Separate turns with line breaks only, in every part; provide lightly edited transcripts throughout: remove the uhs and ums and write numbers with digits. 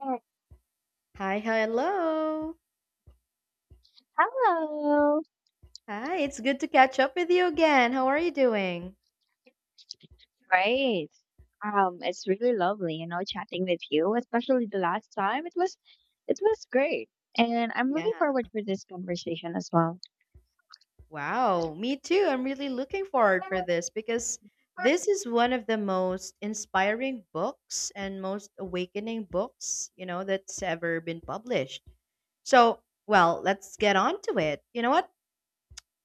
Uh,
Hi, hello.
Hello.
Hi, it's good to catch up with you again. How are you doing?
Great. It's really lovely, you know, chatting with you, especially the last time. It was great. And I'm
Yeah.
looking forward for this conversation as well.
Wow, me too. I'm really looking forward for this because this is one of the most inspiring books and most awakening books, that's ever been published. So, well, let's get on to it. You know what?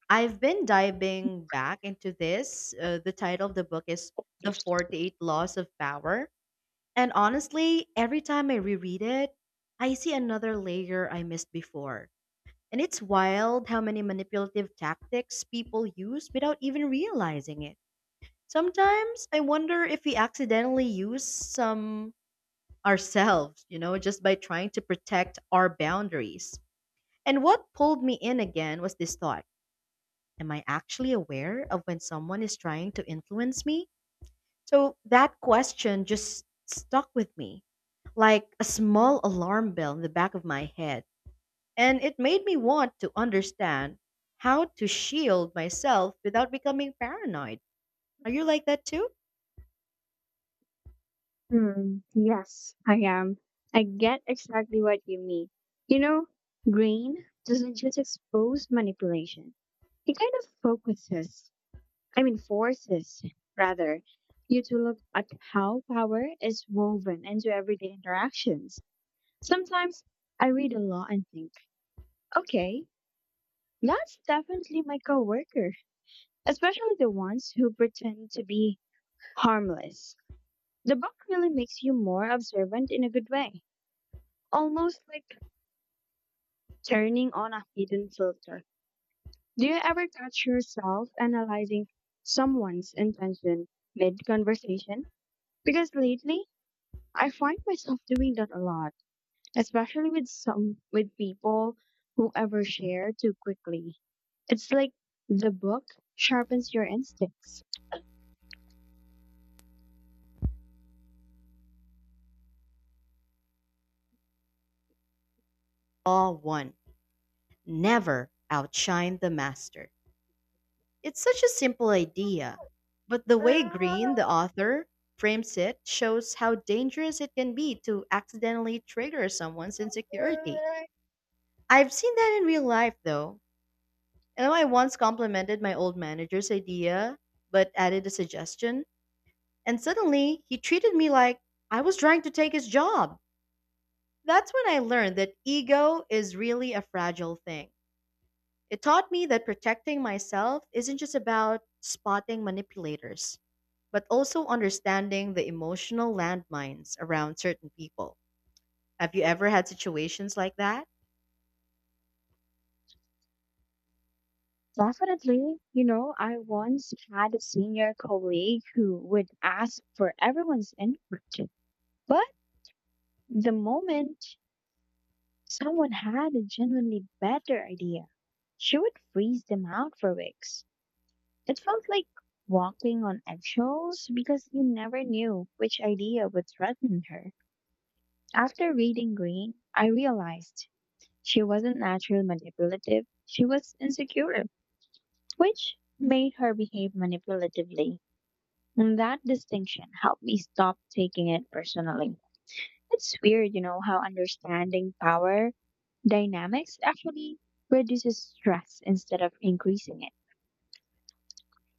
I've been diving back into this. The title of the book is The 48 Laws of Power. And honestly, every time I reread it, I see another layer I missed before. And it's wild how many manipulative tactics people use without even realizing it. Sometimes I wonder if we accidentally use some ourselves, you know, just by trying to protect our boundaries. And what pulled me in again was this thought: am I actually aware of when someone is trying to influence me? So that question just stuck with me, like a small alarm bell in the back of my head. And it made me want to understand how to shield myself without becoming paranoid. Are you like that too?
Yes, I am. I get exactly what you mean. You know, Green doesn't just expose manipulation. It kind of focuses. I mean, forces rather, you to look at how power is woven into everyday interactions. Sometimes I read a law and think, okay, that's definitely my coworker, especially the ones who pretend to be harmless. The book really makes you more observant in a good way, almost like turning on a hidden filter. Do you ever catch yourself analyzing someone's intention mid conversation? Because lately, I find myself doing that a lot, especially with people who overshare too quickly. It's like the book sharpens your instincts.
Law 1: never outshine the master. It's such a simple idea, but the way Green, the author, frames it shows how dangerous it can be to accidentally trigger someone's insecurity. I've seen that in real life though. You know, I once complimented my old manager's idea, but added a suggestion, and suddenly he treated me like I was trying to take his job. That's when I learned that ego is really a fragile thing. It taught me that protecting myself isn't just about spotting manipulators, but also understanding the emotional landmines around certain people. Have you ever had situations like that?
Definitely, you know, I once had a senior colleague who would ask for everyone's input, but the moment someone had a genuinely better idea, she would freeze them out for weeks. It felt like walking on eggshells because you never knew which idea would threaten her. After reading Green, I realized she wasn't naturally manipulative, she was insecure, which made her behave manipulatively. And that distinction helped me stop taking it personally. It's weird, you know, how understanding power dynamics actually reduces stress instead of increasing it.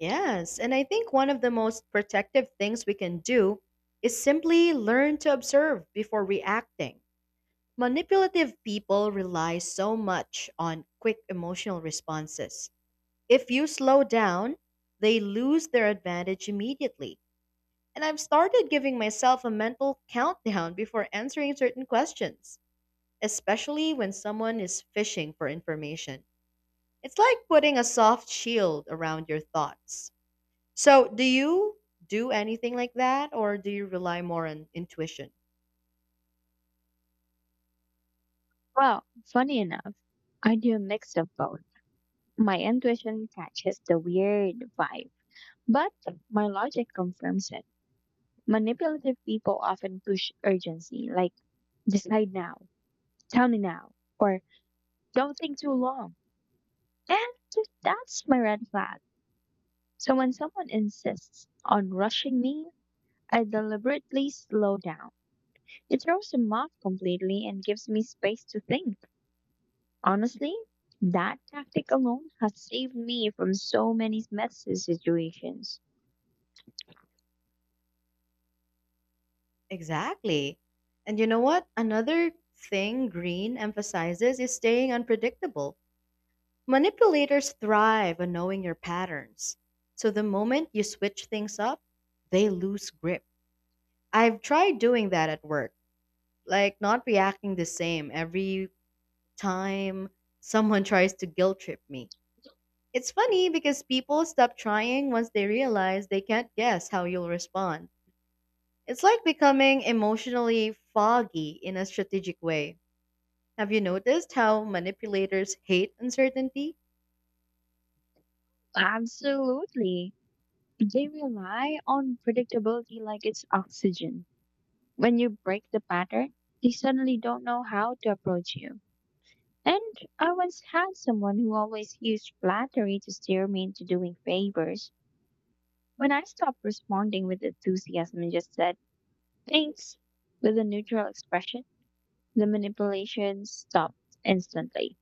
Yes, and I think one of the most protective things we can do is simply learn to observe before reacting. Manipulative people rely so much on quick emotional responses. If you slow down, they lose their advantage immediately. And I've started giving myself a mental countdown before answering certain questions, especially when someone is fishing for information. It's like putting a soft shield around your thoughts. So, do you do anything like that, or do you rely more on intuition?
Well, funny enough, I do a mix of both. My intuition catches the weird vibe, but my logic confirms it. Manipulative people often push urgency, like decide now, tell me now, or don't think too long. And that's my red flag. So when someone insists on rushing me, I deliberately slow down. It throws them off completely and gives me space to think. Honestly, that tactic alone has saved me from so many messy situations.
Exactly. And you know what? Another thing Green emphasizes is staying unpredictable. Manipulators thrive on knowing your patterns. So, the moment you switch things up, they lose grip. I've tried doing that at work, like not reacting the same every time someone tries to guilt trip me. It's funny because people stop trying once they realize they can't guess how you'll respond. It's like becoming emotionally foggy in a strategic way. Have you noticed how manipulators hate uncertainty?
Absolutely. They rely on predictability like it's oxygen. When you break the pattern, they suddenly don't know how to approach you. And I once had someone who always used flattery to steer me into doing favors. When I stopped responding with enthusiasm and just said, thanks, with a neutral expression, the manipulation stopped instantly.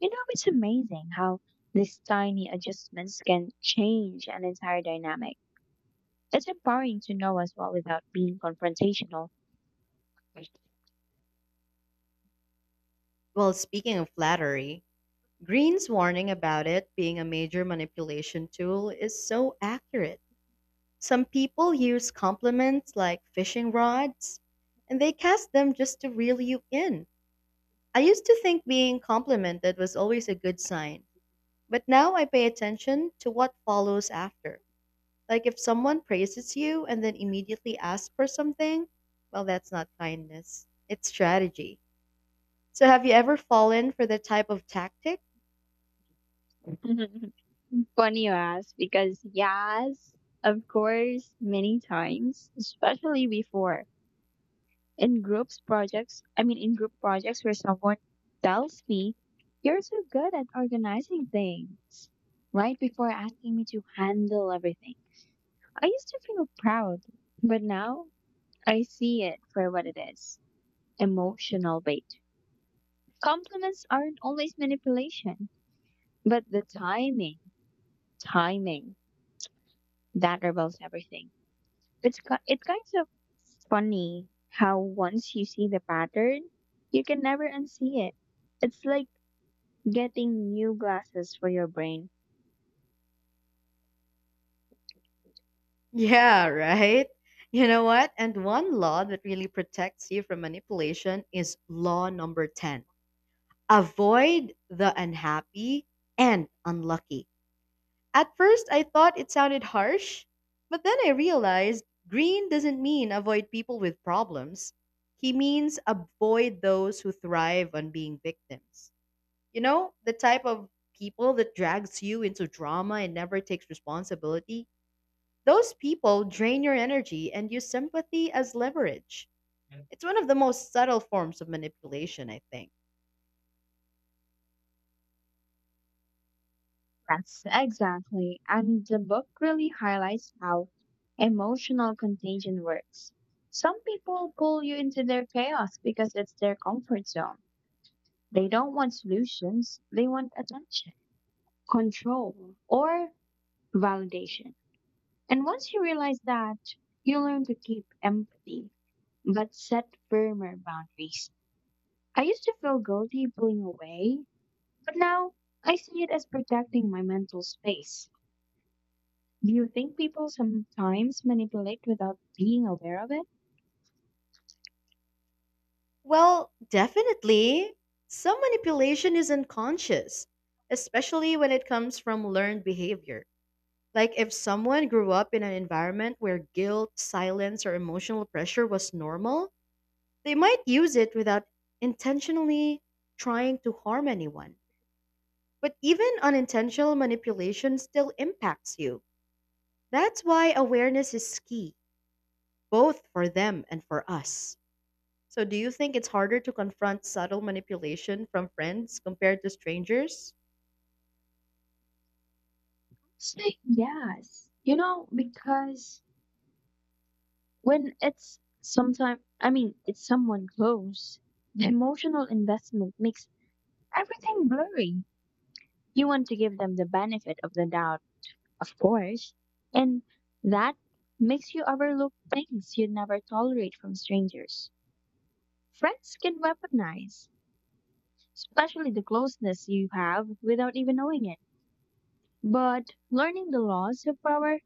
You know, it's amazing how these tiny adjustments can change an entire dynamic. It's empowering to know as well without being confrontational.
Well, speaking of flattery, Green's warning about it being a major manipulation tool is so accurate. Some people use compliments like fishing rods, and they cast them just to reel you in. I used to think being complimented was always a good sign, but now I pay attention to what follows after. Like if someone praises you and then immediately asks for something, well, that's not kindness. It's strategy. So have you ever fallen for the type of tactic?
Funny you ask, because yes, of course, many times, especially before in group projects where someone tells me, "You're so good at organizing things," right before asking me to handle everything. I used to feel proud, but now I see it for what it is: emotional bait. Compliments aren't always manipulation. But the timing that reveals everything. It's kind of funny how once you see the pattern, you can never unsee it. It's like getting new glasses for your brain.
Yeah, right? You know what? And one law that really protects you from manipulation is law number 10: avoid the unhappy and unlucky. At first, I thought it sounded harsh, but then I realized Green doesn't mean avoid people with problems. He means avoid those who thrive on being victims. You know, the type of people that drags you into drama and never takes responsibility. Those people drain your energy and use sympathy as leverage. It's one of the most subtle forms of manipulation, I think.
Yes, exactly. And the book really highlights how emotional contagion works. Some people pull you into their chaos because it's their comfort zone. They don't want solutions, they want attention, control, or validation. And once you realize that, you learn to keep empathy, but set firmer boundaries. I used to feel guilty pulling away, but now I see it as protecting my mental space. Do you think people sometimes manipulate without being aware of it?
Well, definitely. Some manipulation is unconscious, especially when it comes from learned behavior. Like if someone grew up in an environment where guilt, silence, or emotional pressure was normal, they might use it without intentionally trying to harm anyone. But even unintentional manipulation still impacts you. That's why awareness is key, both for them and for us. So, do you think it's harder to confront subtle manipulation from friends compared to strangers?
Say yes. You know, because when it's sometimes, I mean, it's someone close, the emotional investment makes everything blurry. You want to give them the benefit of the doubt, of course. And that makes you overlook things you'd never tolerate from strangers. Friends can weaponize, especially the closeness you have without even knowing it. But learning the laws of power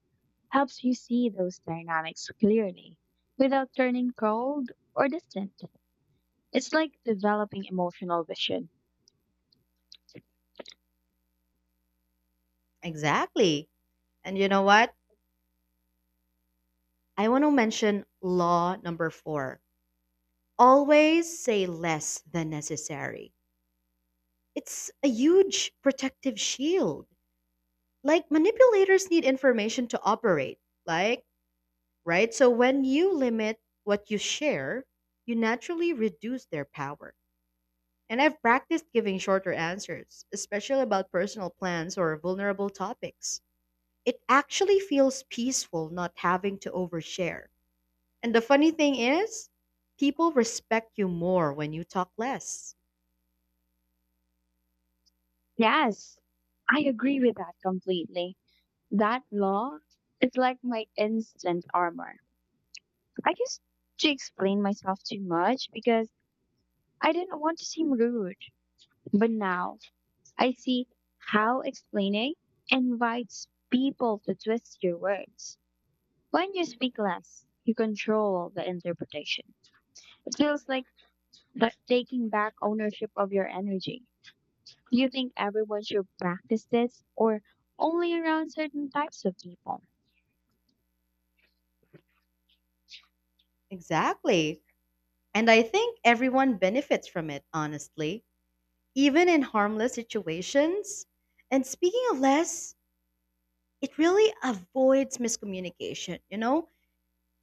helps you see those dynamics clearly without turning cold or distant. It's like developing emotional vision.
Exactly. And you know what? I want to mention law number 4: always say less than necessary. It's a huge protective shield. Like, manipulators need information to operate, like, right? So, when you limit what you share, you naturally reduce their power. And I've practiced giving shorter answers, especially about personal plans or vulnerable topics. It actually feels peaceful not having to overshare. And the funny thing is, people respect you more when you talk less.
Yes, I agree with that completely. That law is like my instant armor. I used to explain myself too much because I didn't want to seem rude. But now I see how explaining invites people to twist your words. When you speak less, you control the interpretation. It feels like that taking back ownership of your energy. Do you think everyone should practice this or only around certain types of people?
Exactly. And I think everyone benefits from it, honestly, even in harmless situations. And speaking of less, it really avoids miscommunication, you know?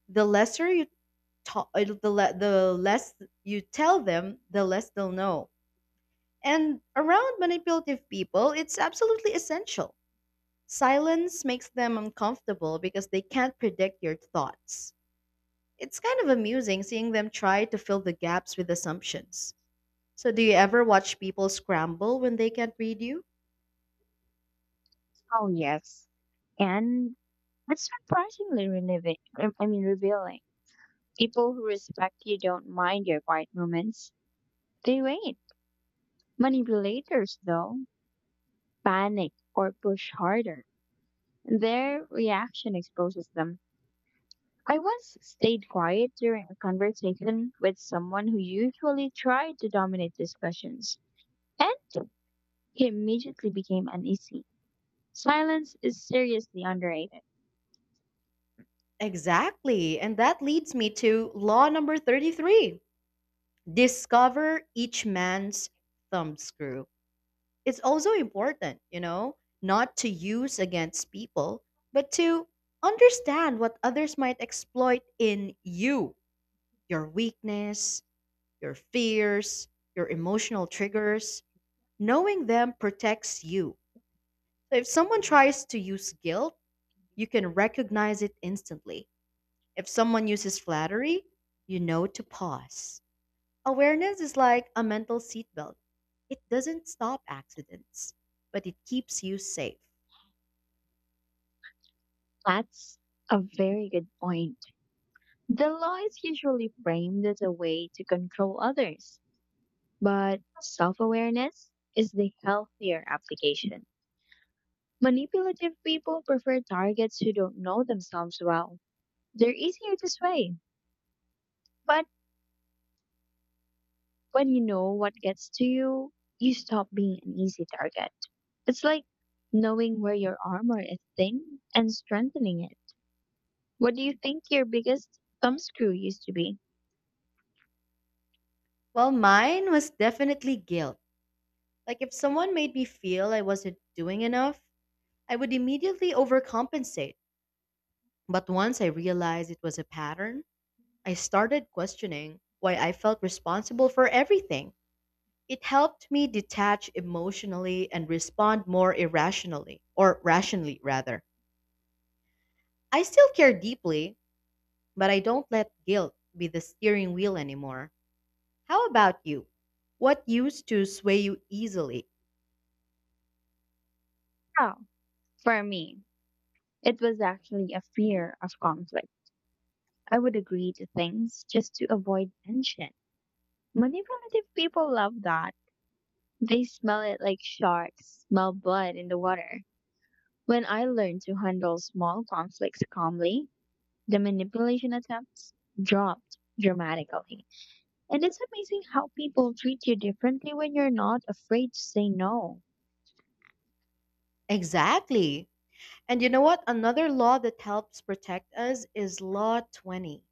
The lesser you the less you tell them, the less they'll know. And around manipulative people, it's absolutely essential. Silence makes them uncomfortable because they can't predict your thoughts. It's kind of amusing seeing them try to fill the gaps with assumptions. So, do you ever watch people scramble when they can't read you?
Oh, yes. And it's surprisingly relieving. I mean, revealing. People who respect you don't mind your quiet moments. They wait. Manipulators, though, panic or push harder. Their reaction exposes them. I once stayed quiet during a conversation with someone who usually tried to dominate discussions, and he immediately became uneasy. Silence is seriously underrated.
Exactly. And that leads me to law number 33: discover each man's thumbscrew. It's also important, you know, not to use against people, but to understand what others might exploit in you: your weakness, your fears, your emotional triggers. Knowing them protects you. So if someone tries to use guilt, you can recognize it instantly. If someone uses flattery, you know to pause. Awareness is like a mental seatbelt. It doesn't stop accidents, but it keeps you safe.
That's a very good point. The law is usually framed as a way to control others, but self awareness is the healthier application. Manipulative people prefer targets who don't know themselves well. They're easier to sway. But when you know what gets to you, you stop being an easy target. It's like knowing where your armor is thin and strengthening it. What do you think your biggest thumbscrew used to be?
Well, mine was definitely guilt. Like, if someone made me feel I wasn't doing enough, I would immediately overcompensate. But once I realized it was a pattern, I started questioning why I felt responsible for everything. It helped me detach emotionally and respond more irrationally, or rationally rather. I still care deeply, but I don't let guilt be the steering wheel anymore. How about you? What used to sway you easily?
Oh, for me, it was actually a fear of conflict. I would agree to things just to avoid tension. Manipulative people love that. They smell it like sharks smell blood in the water. When I learned to handle small conflicts calmly, the manipulation attempts dropped dramatically. And it's amazing how people treat you differently when you're not afraid to say no.
Exactly. And you know what? Another law that helps protect us is Law 20: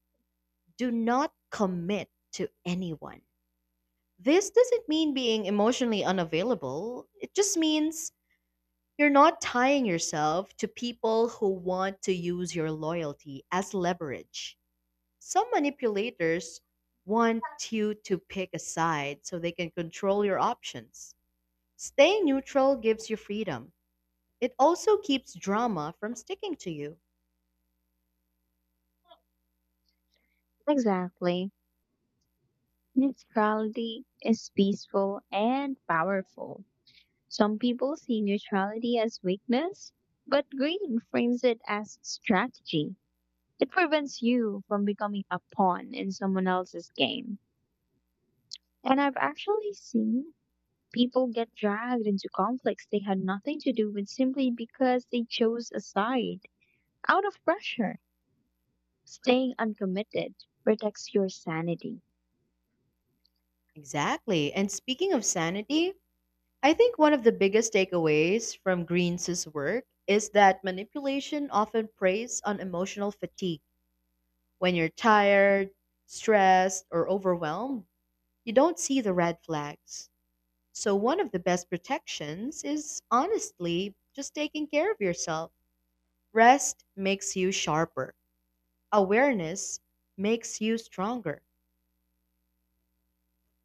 do not commit to anyone. This doesn't mean being emotionally unavailable, it just means you're not tying yourself to people who want to use your loyalty as leverage. Some manipulators want you to pick a side so they can control your options. Staying neutral gives you freedom. It also keeps drama from sticking to you.
Exactly. Neutrality is peaceful and powerful. Some people see neutrality as weakness, but Green frames it as strategy. It prevents you from becoming a pawn in someone else's game. And I've actually seen people get dragged into conflicts they had nothing to do with simply because they chose a side out of pressure. Staying uncommitted protects your sanity.
Exactly. And speaking of sanity, I think one of the biggest takeaways from Green's work is that manipulation often preys on emotional fatigue. When you're tired, stressed, or overwhelmed, you don't see the red flags. So, one of the best protections is honestly just taking care of yourself. Rest makes you sharper, awareness makes you stronger,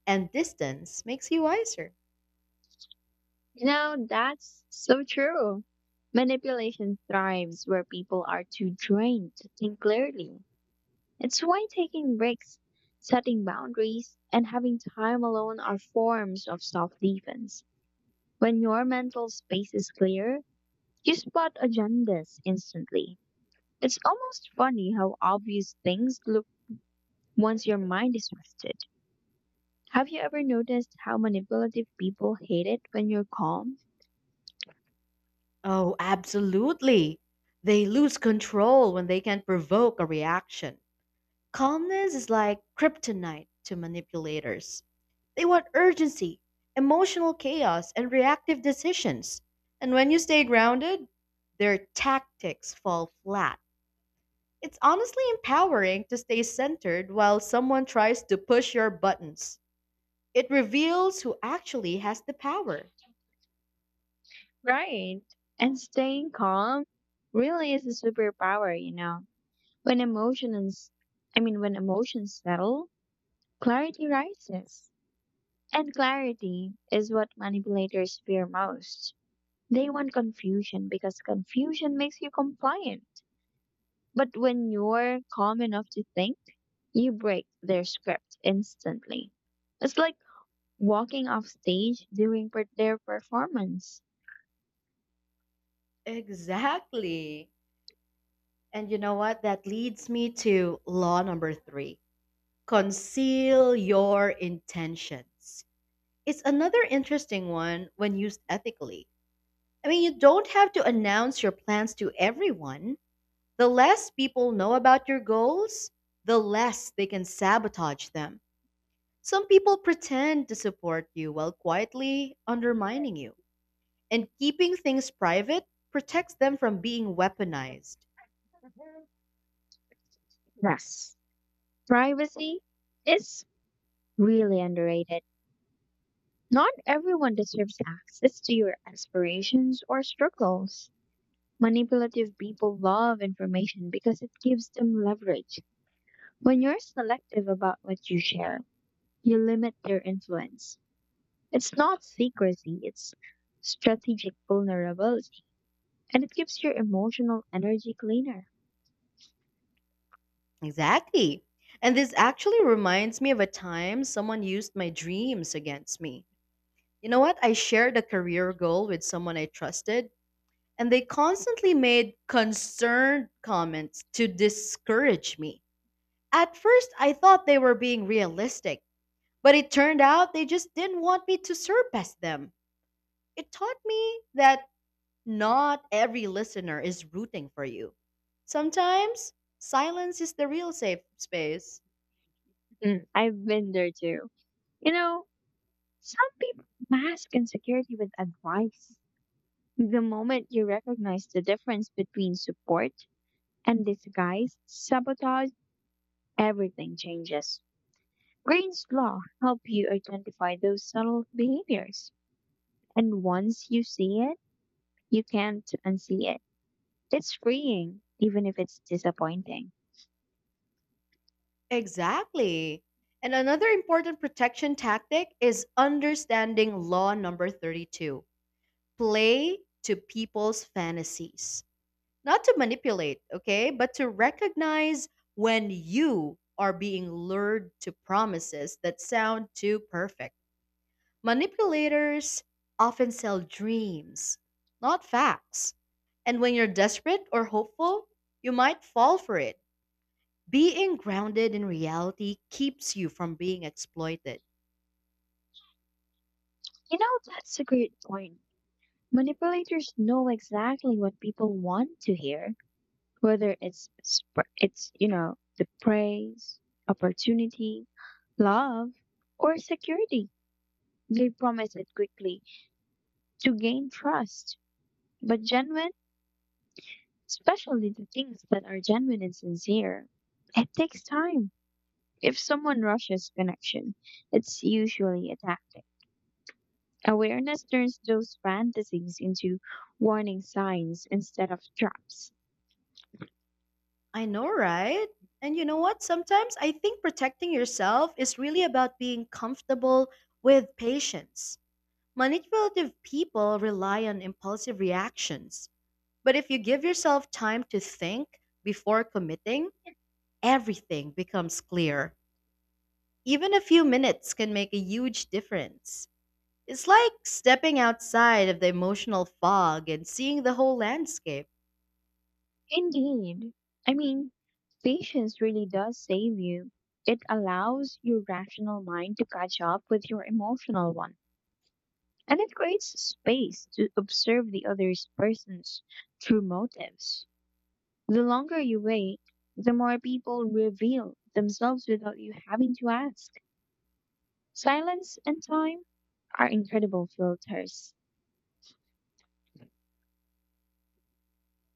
and distance makes you wiser.
You know, that's so true. Manipulation thrives where people are too drained to think clearly. It's why taking breaks, setting boundaries, and having time alone are forms of self defense. When your mental space is clear, you spot agendas instantly. It's almost funny how obvious things look once your mind is rested. Have you ever noticed how manipulative people hate it when you're calm?
Oh, absolutely. They lose control when they can provoke a reaction. Calmness is like kryptonite to manipulators. They want urgency, emotional chaos, and reactive decisions. And when you stay grounded, their tactics fall flat. It's honestly empowering to stay centered while someone tries to push your buttons. It reveals who actually has the power.
Right. And staying calm really is a superpower, you know. When emotions, when emotions settle, clarity rises. And clarity is what manipulators fear most. They want confusion because confusion makes you compliant. But when you're calm enough to think, you break their script instantly. It's like walking off stage during their performance.
Exactly. And you know what? That leads me to law number three: conceal your intentions. It's another interesting one when used ethically. I mean, you don't have to announce your plans to everyone. The less people know about your goals, the less they can sabotage them. Some people pretend to support you while quietly undermining you. And keeping things private protects them from being weaponized.
Yes, privacy is really underrated. Not everyone deserves access to your aspirations or struggles. Manipulative people love information because it gives them leverage. When you're selective about what you share, you limit their influence. It's not secrecy, it's strategic vulnerability, and it keeps your emotional energy cleaner.
Exactly. And this actually reminds me of a time someone used my dreams against me. You know what? I shared a career goal with someone I trusted, and they constantly made concerned comments to discourage me. At first, I thought they were being realistic, but it turned out they just didn't want me to surpass them. It taught me that not every listener is rooting for you. Sometimes, silence is the real safe space.
I've been there too. You know, some people mask insecurity with advice. The moment you recognize the difference between support and disguise, sabotage, everything changes. Green's law help you identify those subtle behaviors. And once you see it, you can't unsee it. It's freeing, even if it's disappointing.
Exactly. And another important protection tactic is understanding law number 32: play to people's fantasies. Not to manipulate, okay, but to recognize when you are being lured to promises that sound too perfect. Manipulators often sell dreams, not facts. And when you're desperate or hopeful, you might fall for it. Being grounded in reality keeps you from being exploited.
You know, that's a great point. Manipulators know exactly what people want to hear, whether it's you know, the praise, opportunity, love, or security. They promise it quickly to gain trust, but genuine, especially the things that are genuine and sincere, it takes time. If someone rushes connection, it's usually a tactic. Awareness turns those fantasies into warning signs instead of traps.
I know, right? And you know what? Sometimes I think protecting yourself is really about being comfortable with patience. Manipulative people rely on impulsive reactions. But if you give yourself time to think before committing, everything becomes clear. Even a few minutes can make a huge difference. It's like stepping outside of the emotional fog and seeing the whole landscape.
Indeed. I mean, patience really does save you. It allows your rational mind to catch up with your emotional one. And it creates space to observe the other person's true motives. The longer you wait, the more people reveal themselves without you having to ask. Silence and time are incredible filters.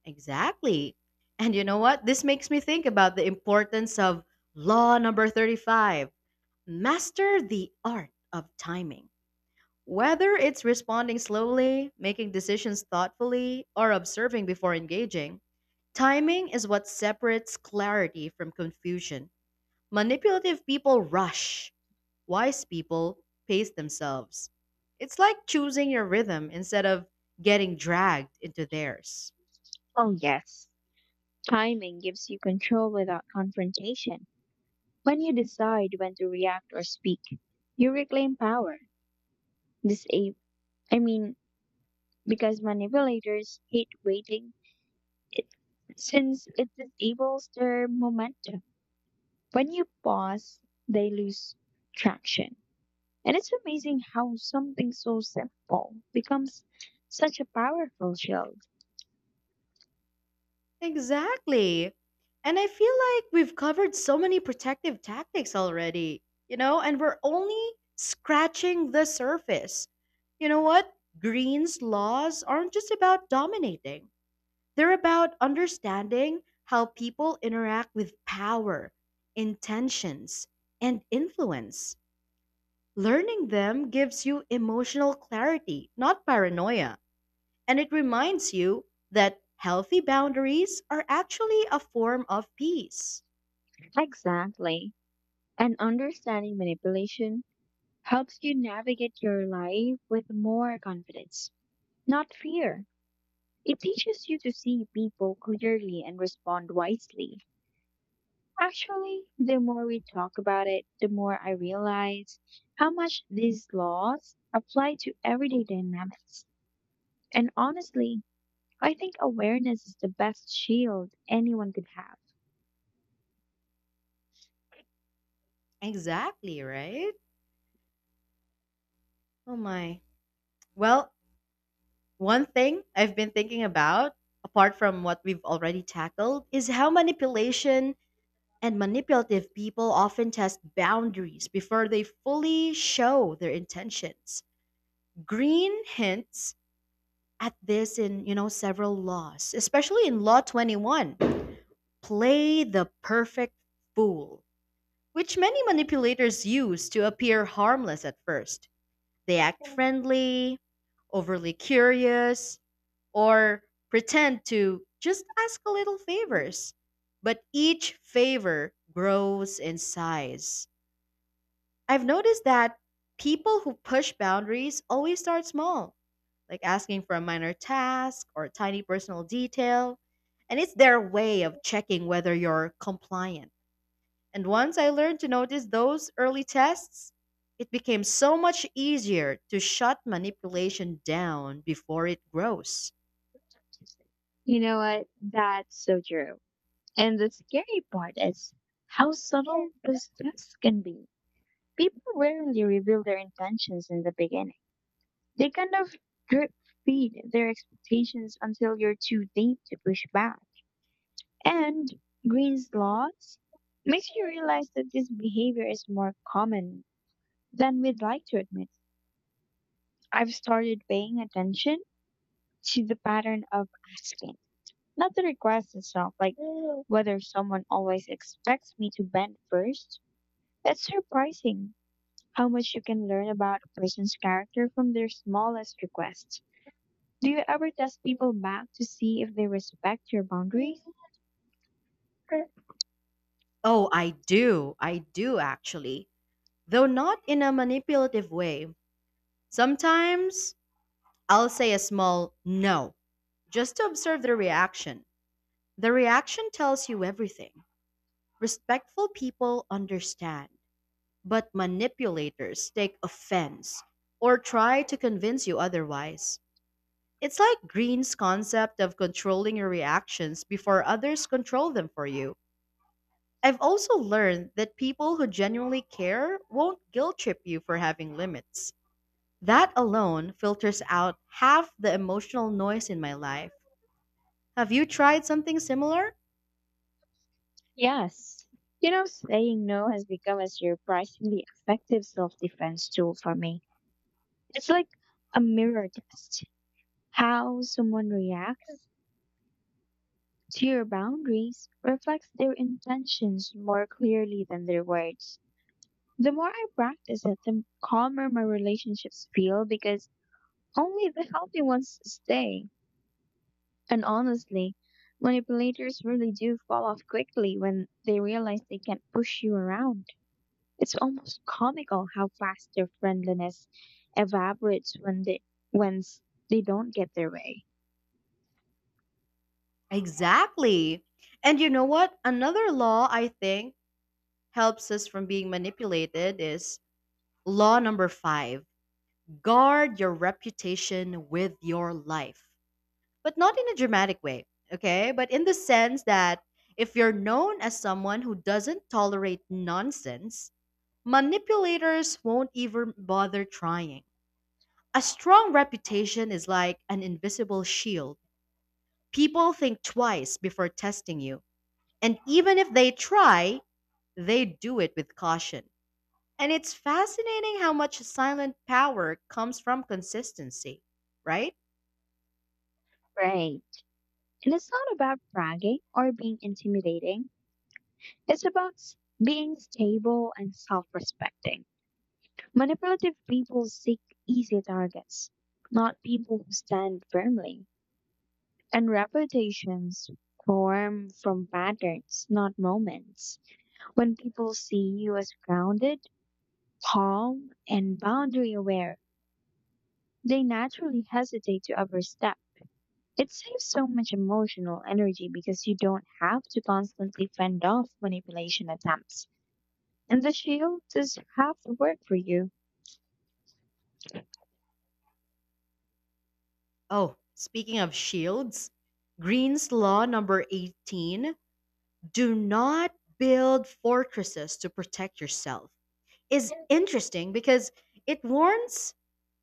Exactly. And you know what? This makes me think about the importance of law number 35: master the art of timing. Whether it's responding slowly, making decisions thoughtfully, or observing before engaging, timing is what separates clarity from confusion. Manipulative people rush, wise people pace themselves. It's like choosing your rhythm instead of getting dragged into theirs.
Oh, yes. Timing gives you control without confrontation. When you decide when to react or speak, you reclaim power. This, a- I mean, because manipulators hate waiting, it, since it disables their momentum. When you pause, they lose traction. And it's amazing how something so simple becomes such a powerful shield.
Exactly. And I feel like we've covered so many protective tactics already, you know, and we're only scratching the surface. You know what? Green's laws aren't just about dominating, they're about understanding how people interact with power, intentions, and influence. Learning them gives you emotional clarity, not paranoia. And it reminds you that healthy boundaries are actually a form of peace.
Exactly. And understanding manipulation helps you navigate your life with more confidence, not fear. It teaches you to see people clearly and respond wisely. Actually, the more we talk about it, the more I realize how much these laws apply to everyday dynamics. And honestly, I think awareness is the best shield anyone could have.
Exactly, right? Oh my. Well, one thing I've been thinking about, apart from what we've already tackled, is how manipulation and manipulative people often test boundaries before they fully show their intentions. Green hints at this in several laws, especially in Law 21, play the perfect fool, which many manipulators use to appear harmless at first. They act friendly, overly curious, or pretend to just ask a little favors. But each favor grows in size. I've noticed that people who push boundaries always start small, like asking for a minor task or a tiny personal detail, and it's their way of checking whether you're compliant. And once I learned to notice those early tests, it became so much easier to shut manipulation down before it grows.
You know what? That's so true. And the scary part is how subtle those tests can be. People rarely reveal their intentions in the beginning. They kind of drip feed their expectations until you're too deep to push back. And Green's laws makes you realize that this behavior is more common than we'd like to admit. I've started paying attention to the pattern of asking, not the request itself, like whether someone always expects me to bend first. It's surprising how much you can learn about a person's character from their smallest request. Do you ever test people back to see if they respect your boundaries?
Oh, I do. I do actually. Though not in a manipulative way. Sometimes I'll say a small no just to observe the reaction. The reaction tells you everything. Respectful people understand, but manipulators take offense or try to convince you otherwise. It's like Green's concept of controlling your reactions before others control them for you. I've also learned that people who genuinely care won't guilt trip you for having limits. That alone filters out half the emotional noise in my life. Have you tried something similar?
Yes. You know, saying no has become a surprisingly effective self defense tool for me. It's like a mirror test. How someone reacts to your boundaries reflects their intentions more clearly than their words. The more I practice it, the calmer my relationships feel because only the healthy ones stay. And honestly, manipulators really do fall off quickly when they realize they can't push you around. It's almost comical how fast their friendliness evaporates when they don't get their way.
Exactly. And you know what? Another law I think helps us from being manipulated is law number 5, guard your reputation with your life, but not in a dramatic way, okay? But in the sense that if you're known as someone who doesn't tolerate nonsense, manipulators won't even bother trying. A strong reputation is like an invisible shield. People think twice before testing you, and even if they try, they do it with caution. And it's fascinating how much silent power comes from consistency, right?
Right. And it's not about bragging or being intimidating. It's about being stable and self-respecting. Manipulative people seek easy targets, not people who stand firmly. And reputations form from patterns, not moments. When people see you as grounded, calm, and boundary aware, they naturally hesitate to overstep. It saves so much emotional energy because you don't have to constantly fend off manipulation attempts. And the shield does half the work for you.
Oh, speaking of shields, Green's Law number 18, do not build fortresses to protect yourself, is interesting because it warns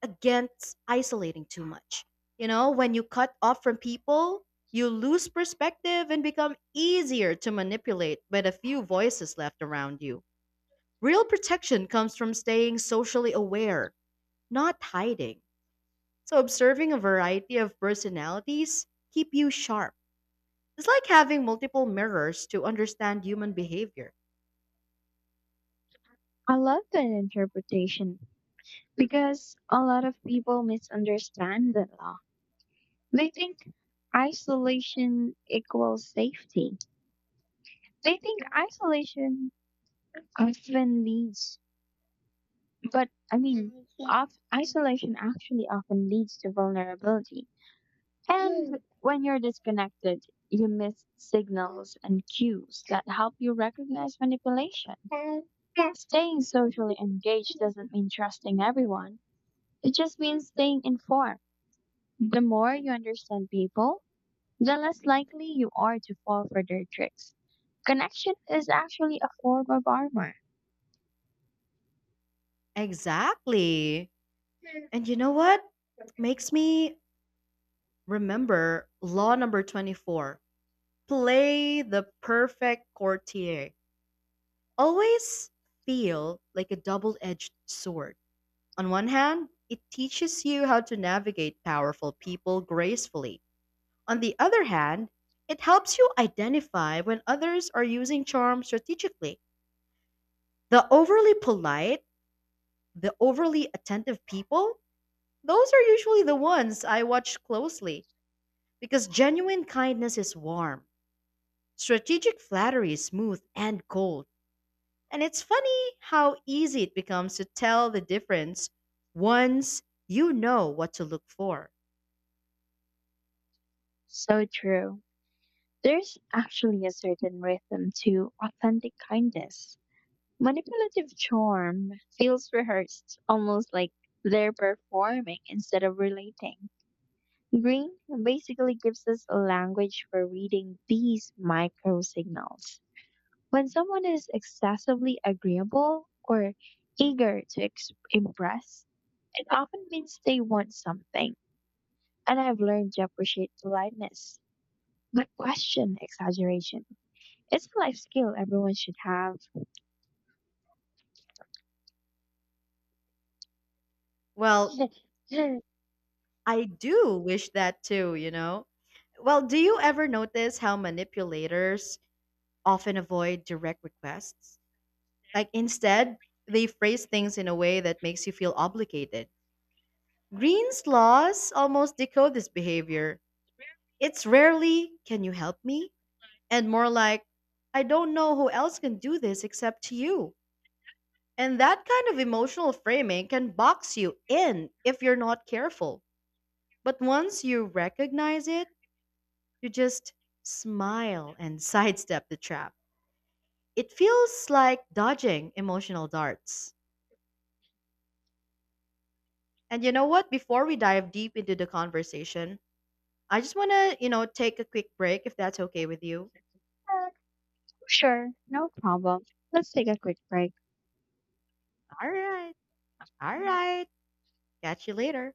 against isolating too much. You know, when you cut off from people, you lose perspective and become easier to manipulate by the few voices left around you. Real protection comes from staying socially aware, not hiding. So observing a variety of personalities keep you sharp. It's like having multiple mirrors to understand human behavior.
I love that interpretation, because a lot of people misunderstand the law. They think isolation equals safety. They think isolation often leads, but I mean, of, Isolation actually often leads to vulnerability. And when you're disconnected, you miss signals and cues that help you recognize manipulation. Staying socially engaged doesn't mean trusting everyone. It just means staying informed. The more you understand people, the less likely you are to fall for their tricks. Connection is actually a form of armor.
Exactly. And you know what? Makes me remember law number 24. Play the perfect courtier. Always feel like a double-edged sword. On one hand, it teaches you how to navigate powerful people gracefully. On the other hand, it helps you identify when others are using charm strategically. The overly polite, the overly attentive people, those are usually the ones I watch closely, because genuine kindness is warm, strategic flattery is smooth and cold. And it's funny how easy it becomes to tell the difference once you know what to look for.
So true. There's actually a certain rhythm to authentic kindness. Manipulative charm feels rehearsed, almost like they're performing instead of relating. Green basically gives us a language for reading these micro signals. When someone is excessively agreeable or eager to impress, it often means they want something, and I've learned to appreciate politeness, but question exaggeration. It's a life skill everyone should have.
Well, I do wish that too, you know? Well, do you ever notice how manipulators often avoid direct requests? Like, instead, they phrase things in a way that makes you feel obligated. Green's laws almost decode this behavior. It's rarely, can you help me? And more like, I don't know who else can do this except you. And that kind of emotional framing can box you in if you're not careful. But once you recognize it, you just smile and sidestep the trap. It feels like dodging emotional darts. And you know what? Before we dive deep into the conversation, I just want to, take a quick break if that's okay with you.
Sure, no problem. Let's take a quick break.
All right. All right. Catch you later.